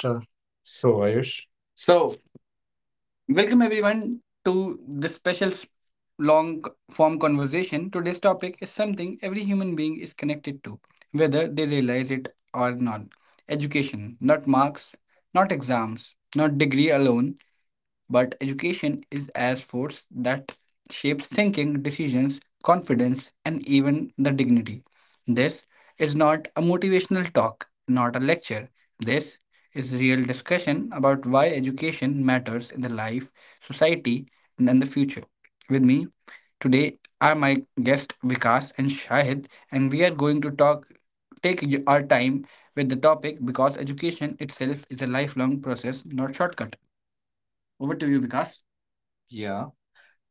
Sure. So, Ayush, So, Welcome everyone to this long form conversation. Today's topic is something every human being is connected to, whether they realize it or not. Education, not marks, not exams, not degree alone, but education is as force that shapes thinking, decisions, confidence, and even the dignity. This is not a motivational talk, not a lecture. This is real discussion about why education matters in the life, society, and in the future. With me today are my guests Vikas and Shahid, and we are going to talk take y- our time with the topic because education itself is a lifelong process, not shortcut. Over to you, Vikas. Yeah,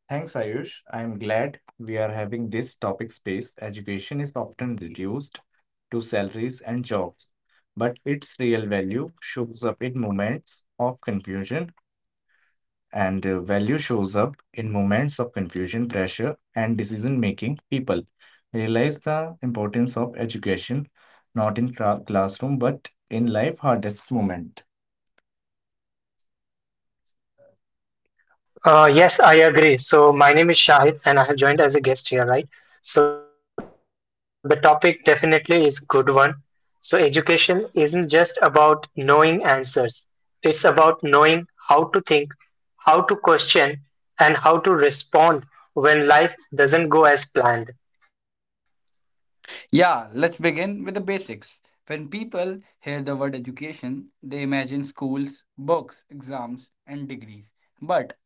thanks, Ayush. I'm glad we are having this topic space. Education is often reduced to salaries and jobs, but its real value shows up in moments of confusion, and value shows up in moments of confusion, pressure, and decision making. People realize the importance of education not in classroom but in life hardest moment. Yes, I agree. So, my name is Shahid, and I have joined as a guest here, right? So, the topic definitely is good one. So, education isn't just about knowing answers. It's about knowing how to think, how to question, and how to respond when life doesn't go as planned. Yeah, let's begin with the basics. When people hear the word education, they imagine schools, books, exams, and degrees. But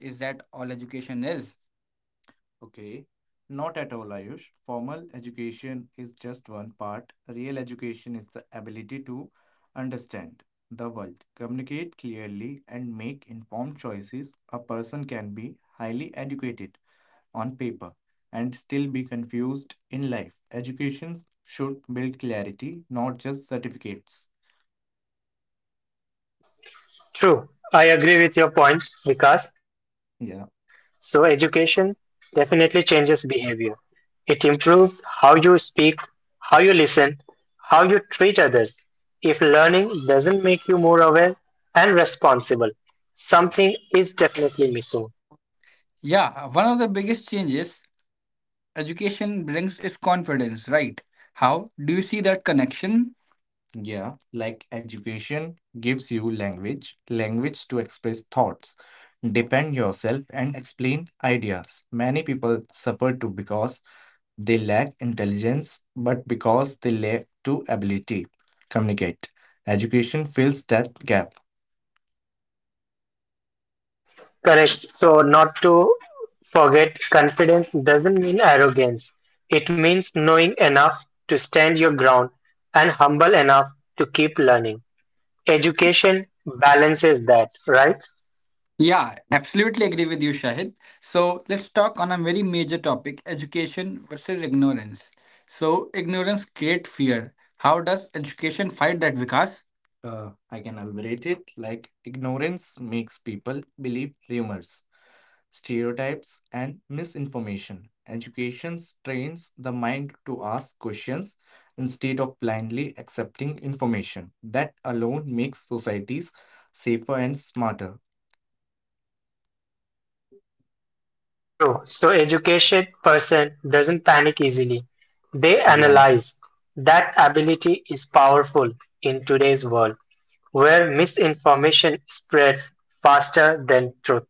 is that all education is? Okay. Not at all, Ayush. Formal education is just one part. Real education is the ability to understand the world, communicate clearly, and make informed choices. A person can be highly educated on paper and still be confused in life. Education should build clarity, not just certificates. True. I agree with your points, Vikas. So, Yeah. education definitely changes behavior. It improves how you speak, how you listen, how you treat others. If learning doesn't make you more aware and responsible, something is definitely missing. Yeah, one of the biggest changes education brings is confidence, right? How do you see that connection? Yeah, like education gives you language, language to express thoughts, defend yourself, and explain ideas. Many people suffer too because they lack intelligence, but because they lack to ability communicate. Education fills that gap. Correct. So, not to forget, confidence doesn't mean arrogance. It means knowing enough to stand your ground and humble enough to keep learning. Education balances that, right? Yeah, absolutely agree with you, Shahid. So let's talk on a very major topic, education versus ignorance. So ignorance create fear. How does education fight that, Vikas? I can elaborate it like ignorance makes people believe rumors, stereotypes, and misinformation. Education trains the mind to ask questions instead of blindly accepting information. That alone makes societies safer and smarter. True. So educated person doesn't panic easily. They Yeah. analyze. That ability is powerful in today's world where misinformation spreads faster than truth.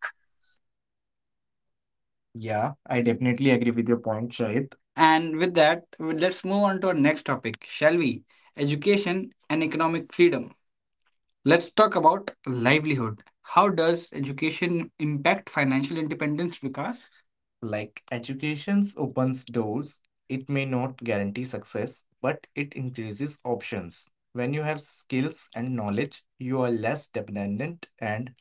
Yeah, I definitely agree with your point, Shahid. And with that, let's move on to our next topic, shall we? Education and economic freedom. Let's talk about livelihood. How does education impact financial independence, Vikas? Like education opens doors, it may not guarantee success, but it increases options. When you have skills and knowledge, you are less dependent and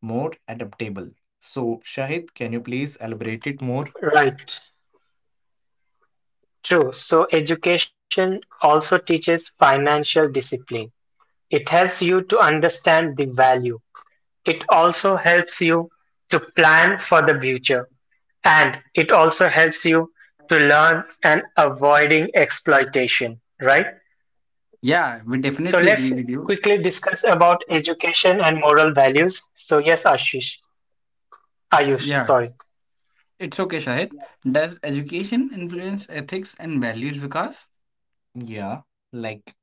more adaptable. So, Shahid, can you please elaborate it more? Right. True. So education also teaches financial discipline. It helps you to understand the value. It also helps you to plan for the future. And it also helps you to learn and avoiding exploitation, right? Yeah, we So definitely agree let's with you. quickly discuss about education and moral values. So yes, Ashish, Ayush, Yeah, sorry. it's okay, Shahid. Does education influence ethics and values, Vikas? Yeah, like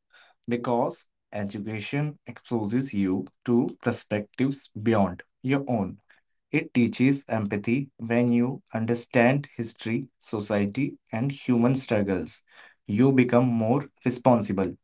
because education exposes you to perspectives beyond your own. It teaches empathy when you understand history, society, and human struggles. You become more responsible.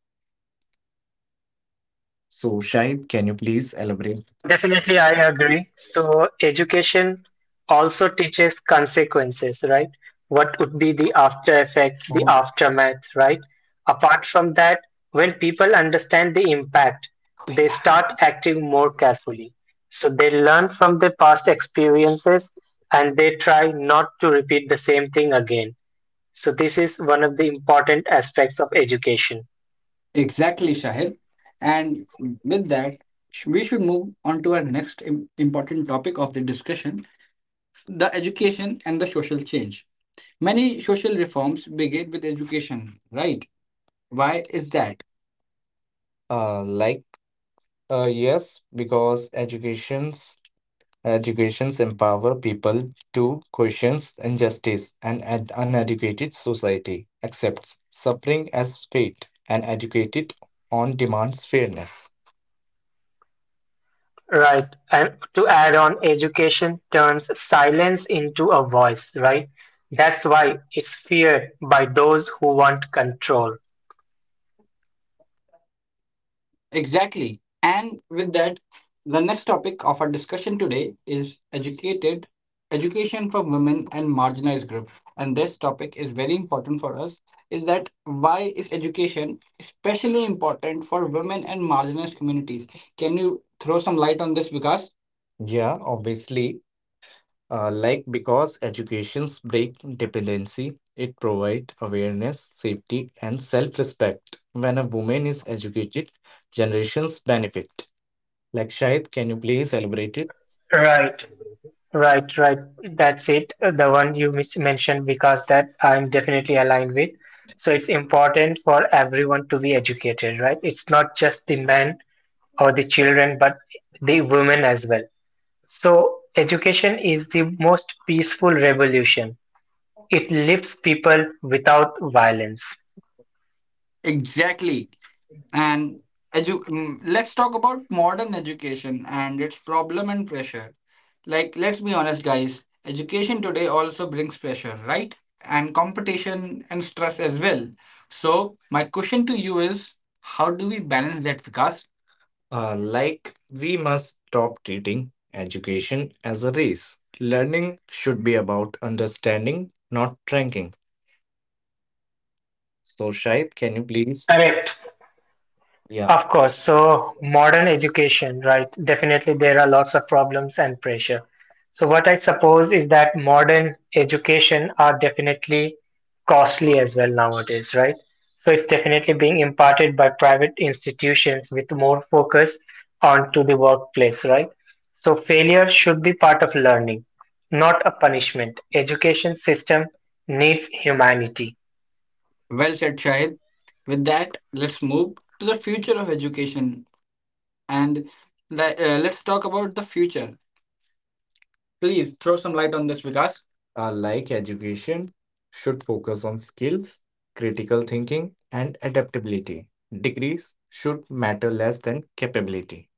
So, Shahid, can you please elaborate Definitely, I agree. So, education also teaches consequences, right? What would be the after effect, the more? aftermath, right? Apart from that, when people understand the impact, they start acting more carefully. So, they learn from their past experiences and they try not to repeat the same thing again. So, this is one of the important aspects of education. Exactly, Shahid. And with that, we should move on to our next important topic of the discussion the education and the social change. Many social reforms begin with education, right? Why is that? Uh, like, yes, because educations empower people to question injustice and an uneducated society accepts suffering as fate and educated on demands fairness. Right. And to add on, education turns silence into a voice, right? That's why it's feared by those who want control. Exactly. And with that, the next topic of our discussion today is educated education for women and marginalized groups. And this topic is very important for us is that why is education especially important for women and marginalized communities? Can you throw some light on this, Vikas? Yeah, obviously. Like because education's break dependency, it provides awareness, safety, and self-respect. When a woman is educated, generations benefit. Like Shahid, can you please elaborate it? Right. Right, right. That's it. The one you mentioned, because that I'm definitely aligned with. So it's important for everyone to be educated, right? It's not just the men or the children, but the women as well. So education is the most peaceful revolution. It lifts people without violence. Exactly. And let's talk about modern education and its problem and pressure. Like, let's be honest, guys, education today also brings pressure, right? And competition and stress as well. So, my question to you is how do we balance that, Vikas? Like, we must stop treating education as a race. Learning should be about understanding, not ranking. So, Shahid, can you please? Correct. Yeah. Of course, so modern education, right? Definitely there are lots of problems and pressure. So what I suppose is that modern education are definitely costly as well nowadays, right? So it's definitely being imparted by private institutions with more focus onto the workplace, right? So failure should be part of learning, not a punishment. Education system needs humanity. Well said, Shahid. With that, let's move to the future of education and let's talk about the future. Please throw some light on this, Vikas. Like education, should focus on skills, critical thinking, and adaptability. Degrees should matter less than capability.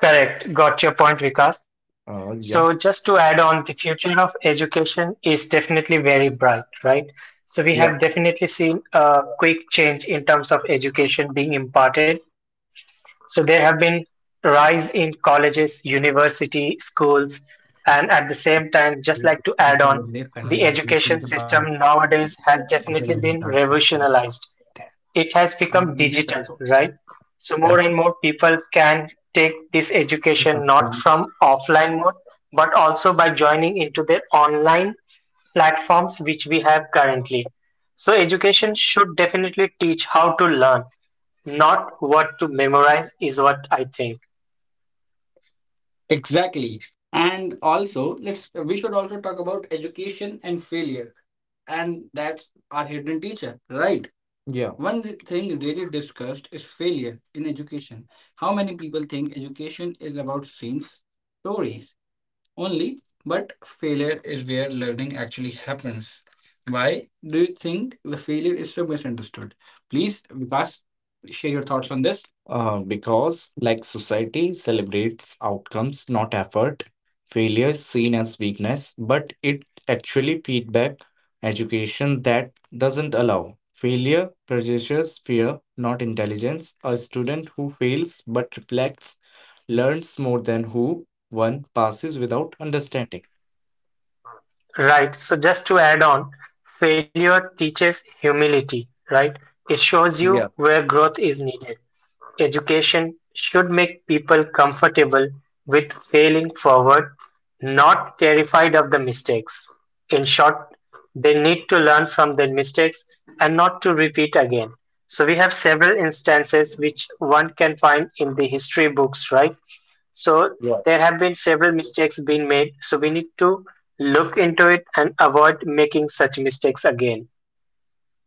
Correct. Got your point, Vikas. So just Yeah. to add on, the future of education is definitely very bright, right? So we Yeah. have definitely seen a quick change in terms of education being imparted. So there have been rise in colleges, university, schools, and at the same time, just like to add on, the education system nowadays has definitely been revolutionized. It has become digital, right? So more and more people can take this education not from offline mode, but also by joining into their online platforms which we have currently. So education should definitely teach how to learn, not what to memorize, is what I think. Exactly. And also, let's we should also talk about education and failure. And that's our hidden teacher, right? Yeah. One thing really discussed is failure in education. How many people think education is about scenes, stories, only, but failure is where learning actually happens. Why do you think the failure is so misunderstood? Please, Vikas, share your thoughts on this. Because, like society celebrates outcomes, not effort, failure is seen as weakness, but it actually feedback education that doesn't allow. Failure produces fear, not intelligence. A student who fails but reflects learns more than who one passes without understanding. Right. So just to add on, failure teaches humility, right? It shows you Yeah, where growth is needed. Education should make people comfortable with failing forward, not terrified of the mistakes. In short, they need to learn from their mistakes and not to repeat again. So we have several instances which one can find in the history books, right? So yeah. there have been several mistakes being made, so we need to look into it and avoid making such mistakes again.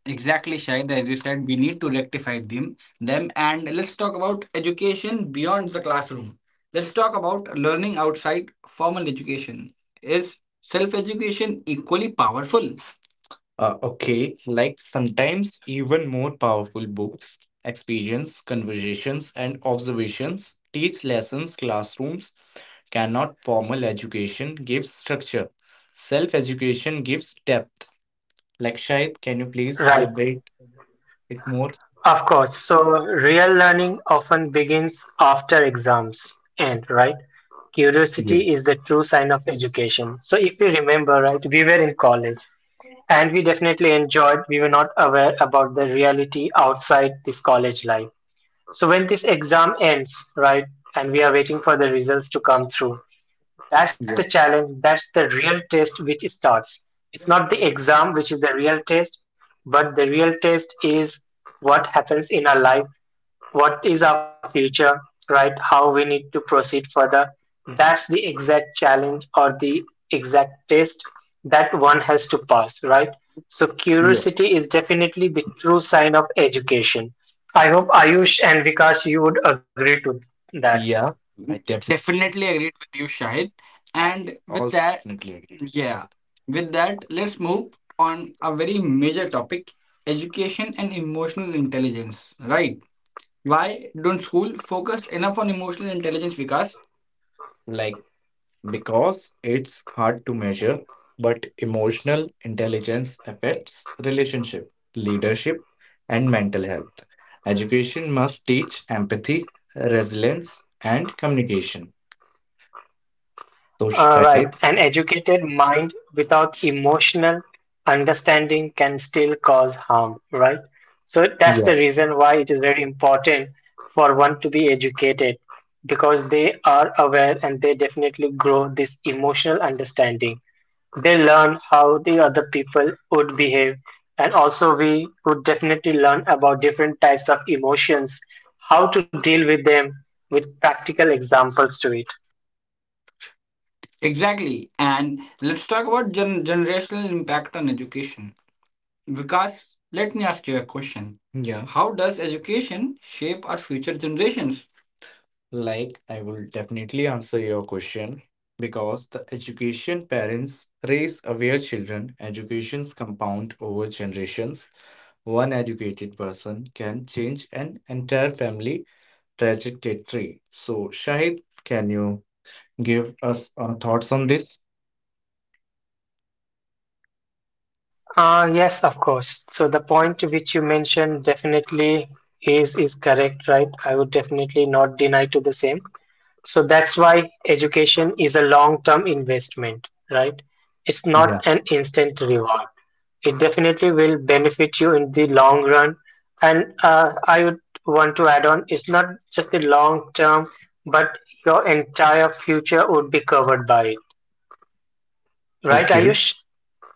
Exactly, Shahid. As you said, we need to rectify them and let's talk about education beyond the classroom. Let's talk about learning outside formal education. Is self education equally powerful? Okay, like sometimes even more powerful books, experience, conversations, and observations teach lessons classrooms cannot. Formal education gives structure, self education gives depth. Like Shahid, can you please Right, elaborate it more? of course. So real learning often begins after exams end, right? Yeah. Curiosity is the true sign of education. So if we remember, right, we were in college and we definitely enjoyed, we were not aware about the reality outside this college life. So when this exam ends, right, and we are waiting for the results to come through, that's the challenge, that's the real test which starts. It's not the exam which is the real test, but the real test is what happens in our life, what is our future, right? How we need to proceed further. That's the exact challenge or the exact test that one has to pass, right? So, Yeah. curiosity is definitely the true sign of education. I hope Ayush and Vikas you would agree to that. Yeah, Definitely agreed with you, Shahid. And with also that, definitely agreed. Yeah, with that, let's move on a very major topic education and emotional intelligence, right? Why don't school focus enough on emotional intelligence, Vikas? Like, because it's hard to measure, but emotional intelligence affects relationship, leadership, and mental health. Education must teach empathy, resilience, and communication. So, Shahid? Right, an educated mind without emotional understanding can still cause harm, right? So that's Yeah. the reason why it is very important for one to be educated because they are aware and they definitely grow this emotional understanding. They learn how the other people would behave, and also we would definitely learn about different types of emotions, how to deal with them with practical examples to it. Exactly. And let's talk about generational impact on education. Because let me ask you a question. Yeah. How does education shape our future generations? Like, I will definitely answer your question because the education parents raise aware children, educations compound over generations. One educated person can change an entire family trajectory. So, Shahid, can you give us thoughts on this? Yes, of course. So the point which you mentioned definitely is correct, right? I would definitely not deny to the same. So that's why education is a long-term investment, right? It's Yeah. not an instant reward. It definitely will benefit you in the long run. And I would want to add on, it's not just the long term, but your entire future would be covered by it, right, Okay. Ayush?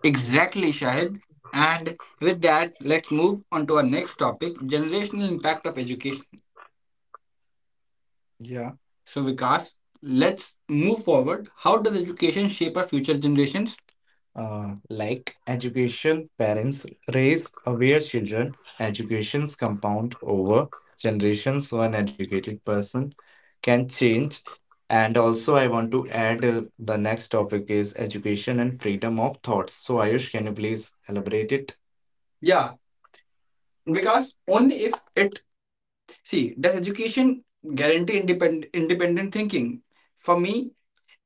Exactly, Shahid. And with that, let's move on to our next topic generational impact of education. Yeah. So, Vikas, let's move forward. How does education shape our future generations? Like education, parents raise aware children. Educations compound over generations. One educated person can change. And also, I want to add the next topic is education and freedom of thoughts. So, Ayush, can you please elaborate it? Yeah, because only if it see does education guarantee independent thinking? For me,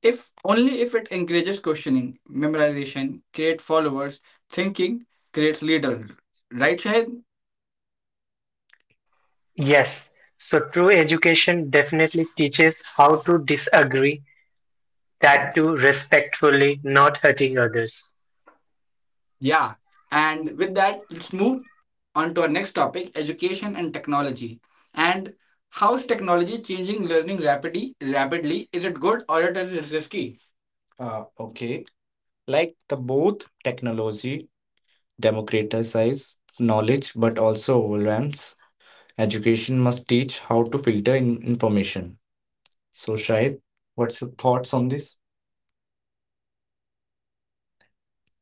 if only if it encourages questioning, memorization, create followers, thinking creates leader, right, Shahid? Yes, so true education definitely teaches how to disagree, that too respectfully, not hurting others. Yeah. And with that, let's move on to our next topic education and technology. And how is technology changing learning rapidly? Rapidly, is it good or it is risky? Uh, okay. Like the both technology democratizes knowledge but also overwhelms. Education must teach how to filter in information. So, Shahid, what's your thoughts on this?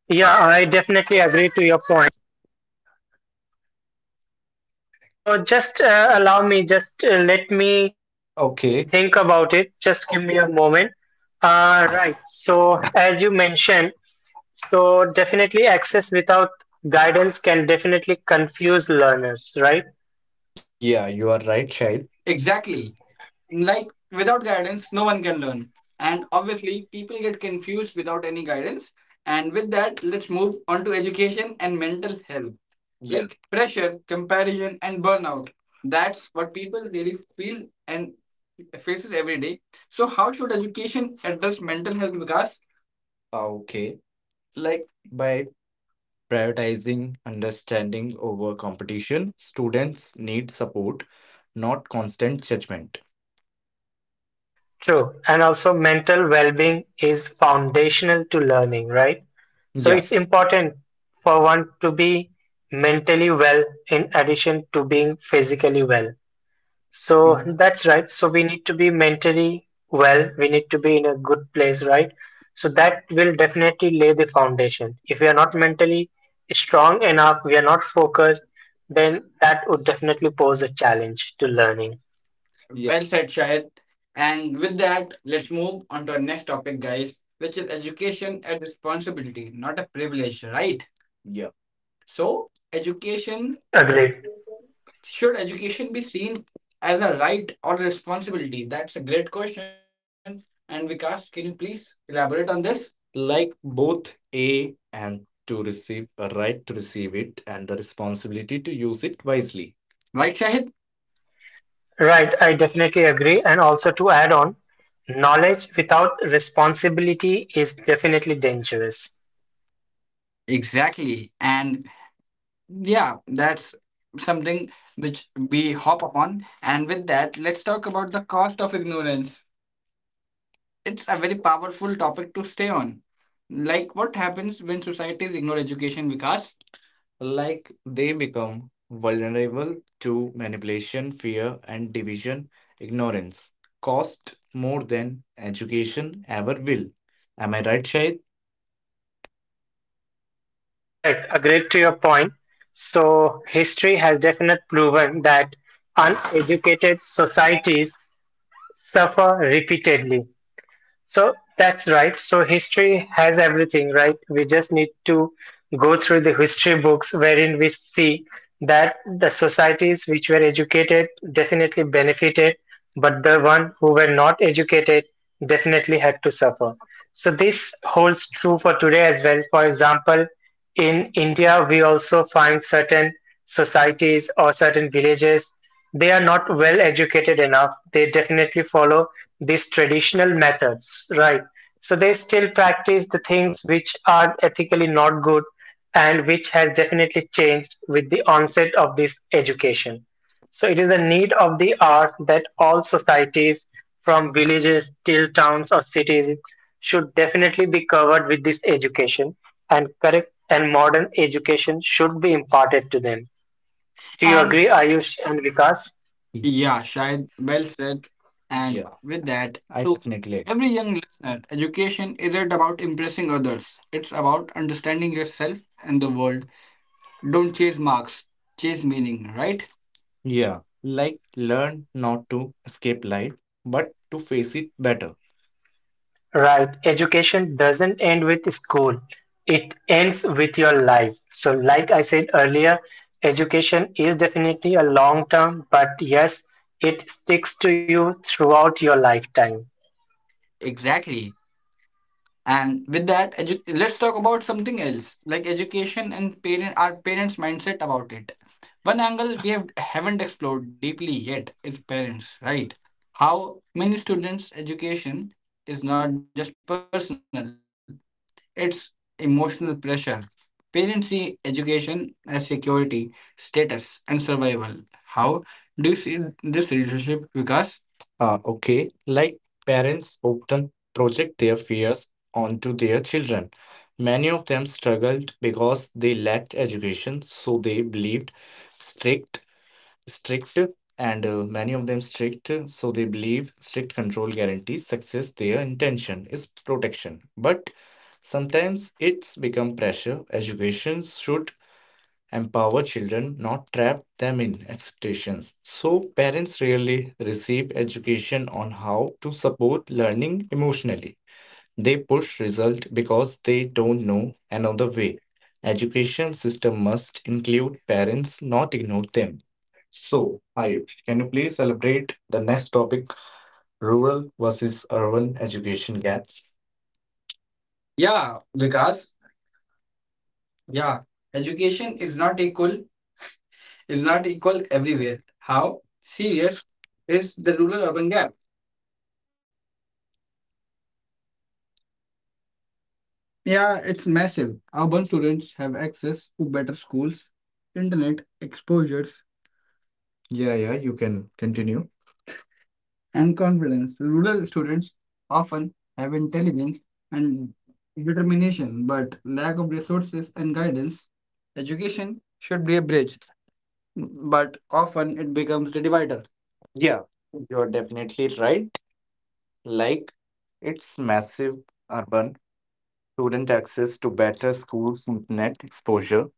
Yeah, I definitely agree to your point. So just allow me, just let me think Okay, about it. Just give me a moment. Right. So as you mentioned, so definitely access without guidance can definitely confuse learners, right? yeah, you are right, Shahid. Exactly. Like without guidance, no one can learn. And obviously, people get confused without any guidance. And with that, let's move on to education and mental health. Yeah. Like pressure, comparison, and burnout. That's what people really feel and faces every day. So, how should education address mental health? Because okay. Like by prioritizing understanding over competition. Students need support, not constant judgment. True. And also mental well-being is foundational to learning, right? So Yeah. it's important for one to be mentally well in addition to being physically well. So Ex- that's right. So we need to be mentally well. We need to be in a good place, right? So that will definitely lay the foundation. If we are not mentally strong enough, we are not focused, then that would definitely pose a challenge to learning. yeah. Well said, Shahid. And with that, let's move on to our next topic, guys, which is education and responsibility, not a privilege, right? Yeah. So, education Correct. Agreed. should education be seen as a right or a responsibility? That's a great question. And Vikas, can you please elaborate on this? Like both A and to receive a right to receive it and a responsibility to use it wisely. Right, Shahid? Right, I definitely agree. And also to add on, knowledge without responsibility is definitely dangerous. Exactly. And yeah, that's something which we hop upon. And with that, let's talk about the cost of ignorance. It's a very powerful topic to stay on. Like what happens when societies ignore education, Vikas? Like they become vulnerable to manipulation, fear, and division. Ignorance cost more than education ever will. Am I right, Shahid? Correct, agreed to your point. So, history has definitely proven that uneducated societies suffer repeatedly. So that's right. So history has everything, right? We just need to go through the history books wherein we see that the societies which were educated definitely benefited, but the one who were not educated definitely had to suffer. So this holds true for today as well. For example, in India, we also find certain societies or certain villages, they are not well educated enough. They definitely follow these traditional methods, right? So they still practice the things which are ethically not good and which has definitely changed with the onset of this education. So it is a need of the hour that all societies, from villages till towns or cities, should definitely be covered with this education, and correct and modern education should be imparted to them. Do you And agree, Ayush and Vikas? yeah, Shahid, well said. And yeah, with that, I to definitely agree. Every young listener, education isn't about impressing others, it's about understanding yourself and the world. Don't chase marks, chase meaning, right? Yeah, like learn not to escape life, but to face it better. Right, education doesn't end with school, it ends with your life. So, like I said earlier, education is definitely a long term, but yes, it sticks to you throughout your lifetime. Exactly. And with that, let's talk about something else, like education and parent our parents' mindset about it. One angle we haven't explored deeply yet is parents, right? How many students' education is not just personal; it's emotional pressure. Parents see education as security, status, and survival. How do you see this relationship, Vikas? Okay, like parents often project their fears onto their children. Many of them struggled because they lacked education, so they believed strict, strict, and many of them strict, so they believe strict control guarantees success. Their intention is protection, but sometimes it's become pressure. Education should empower children, not trap them in expectations. So parents rarely receive education on how to support learning emotionally. They push result because they don't know another way. Education system must include parents, not ignore them. So, Ayush, can you please elaborate the next topic, rural versus urban education gap? Yeah, Vikas. Yeah, education is not equal, everywhere. How serious is the rural urban gap? Yeah, it's massive. Urban students have access to better schools, internet exposures, yeah, yeah, you can continue, and confidence. Rural students often have intelligence and determination, but lack of resources and guidance. Education should be a bridge, but often it becomes the divider. Yeah, you're definitely right. Like its massive urban student access to better schools, internet exposure,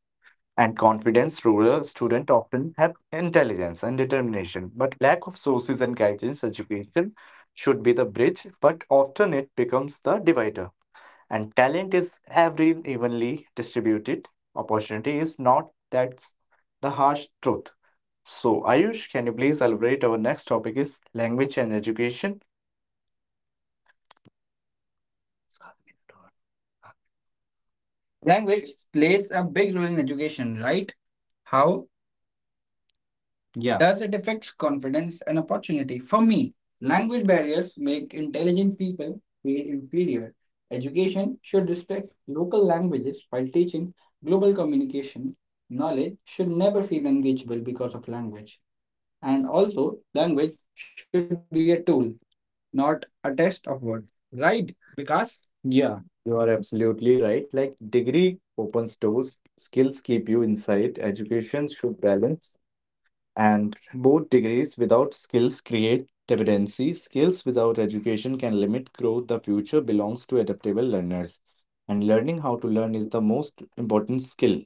and confidence, rural students often have intelligence and determination, but lack of sources and guidance. Education should be the bridge, but often it becomes the divider. And talent is every evenly distributed. Opportunity is not. That's the harsh truth. So, Ayush, can you please elaborate? Our next topic is language and education. Language plays a big role in education, right? How, yeah, does it affect confidence and opportunity? For me, language barriers make intelligent people feel inferior. Education should respect local languages while teaching global communication. Knowledge should never feel unreachable because of language. And also, language should be a tool, not a test of word. Right, Vikas? Yeah, you are absolutely right. Like degree opens doors, skills keep you inside, education should balance, and both degrees without skills create dependency. Skills without education can limit growth. The future belongs to adaptable learners, and learning how to learn is the most important skill.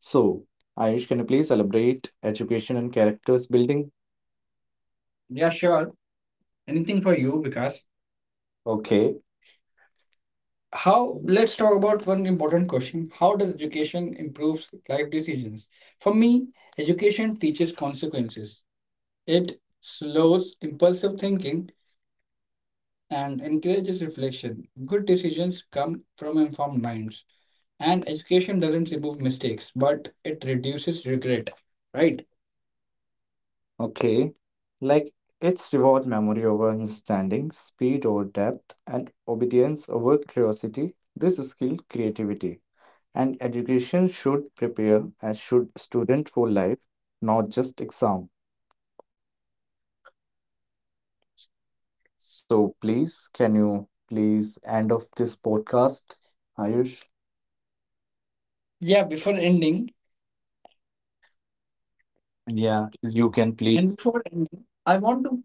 So, Ayush, can you please elaborate education and characters building? Yeah, sure. Anything for you, Vikas? Okay, how, let's talk about one important question. How does education improve life decisions? For me, education teaches consequences. It slows impulsive thinking and encourages reflection. Good decisions come from informed minds, and education doesn't remove mistakes but it reduces regret, right? Okay. Like it's reward memory over understanding, speed over depth, and obedience over curiosity. This skill creativity. And education should prepare as should student for life, not just exam. So please, can you please end of this podcast, Ayush? Yeah, before ending, yeah, you can please, and before ending, I want to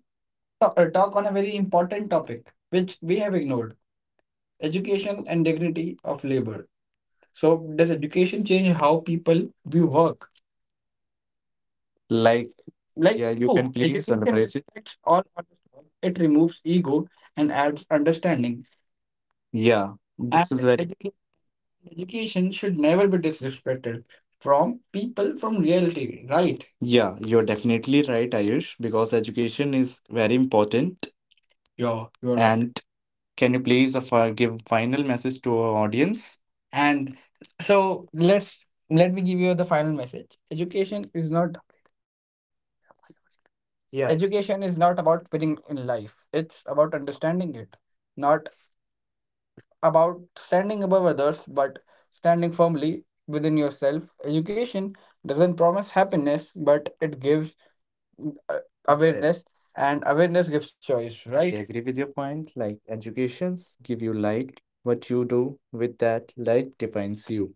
talk on a very important topic which we have ignored, education and dignity of labor. So, does education change how people view work? Like, Like yeah, you oh, can ego. Like, please, education celebrate it, respects all on its own. It removes ego and adds understanding. Yeah, and this is very education should never be disrespected from people from reality, right? Yeah, you're definitely right, Ayush, because education is very important. Yeah, you're right. And can you please give final message to our audience? And so let me give you the final message. Education is not, yeah education is not about winning in life, it's about understanding it. Not about standing above others, but standing firmly within yourself. Education doesn't promise happiness, but it gives, yeah, awareness, and awareness gives choice, I right? Agree with your point. Like educations give you light. What you do with that light defines you.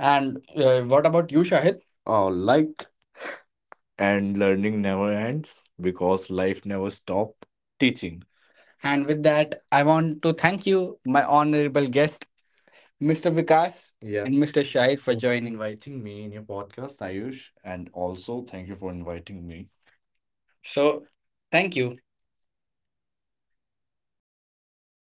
And what about you, Shahid? Oh, like, and learning never ends because life never stops teaching. And with that, I want to thank you, my honorable guest, Mr. Vikas, yeah, and Mr. Shahid, for joining. Inviting me in your podcast, Ayush, and also thank you for inviting me. So, thank you.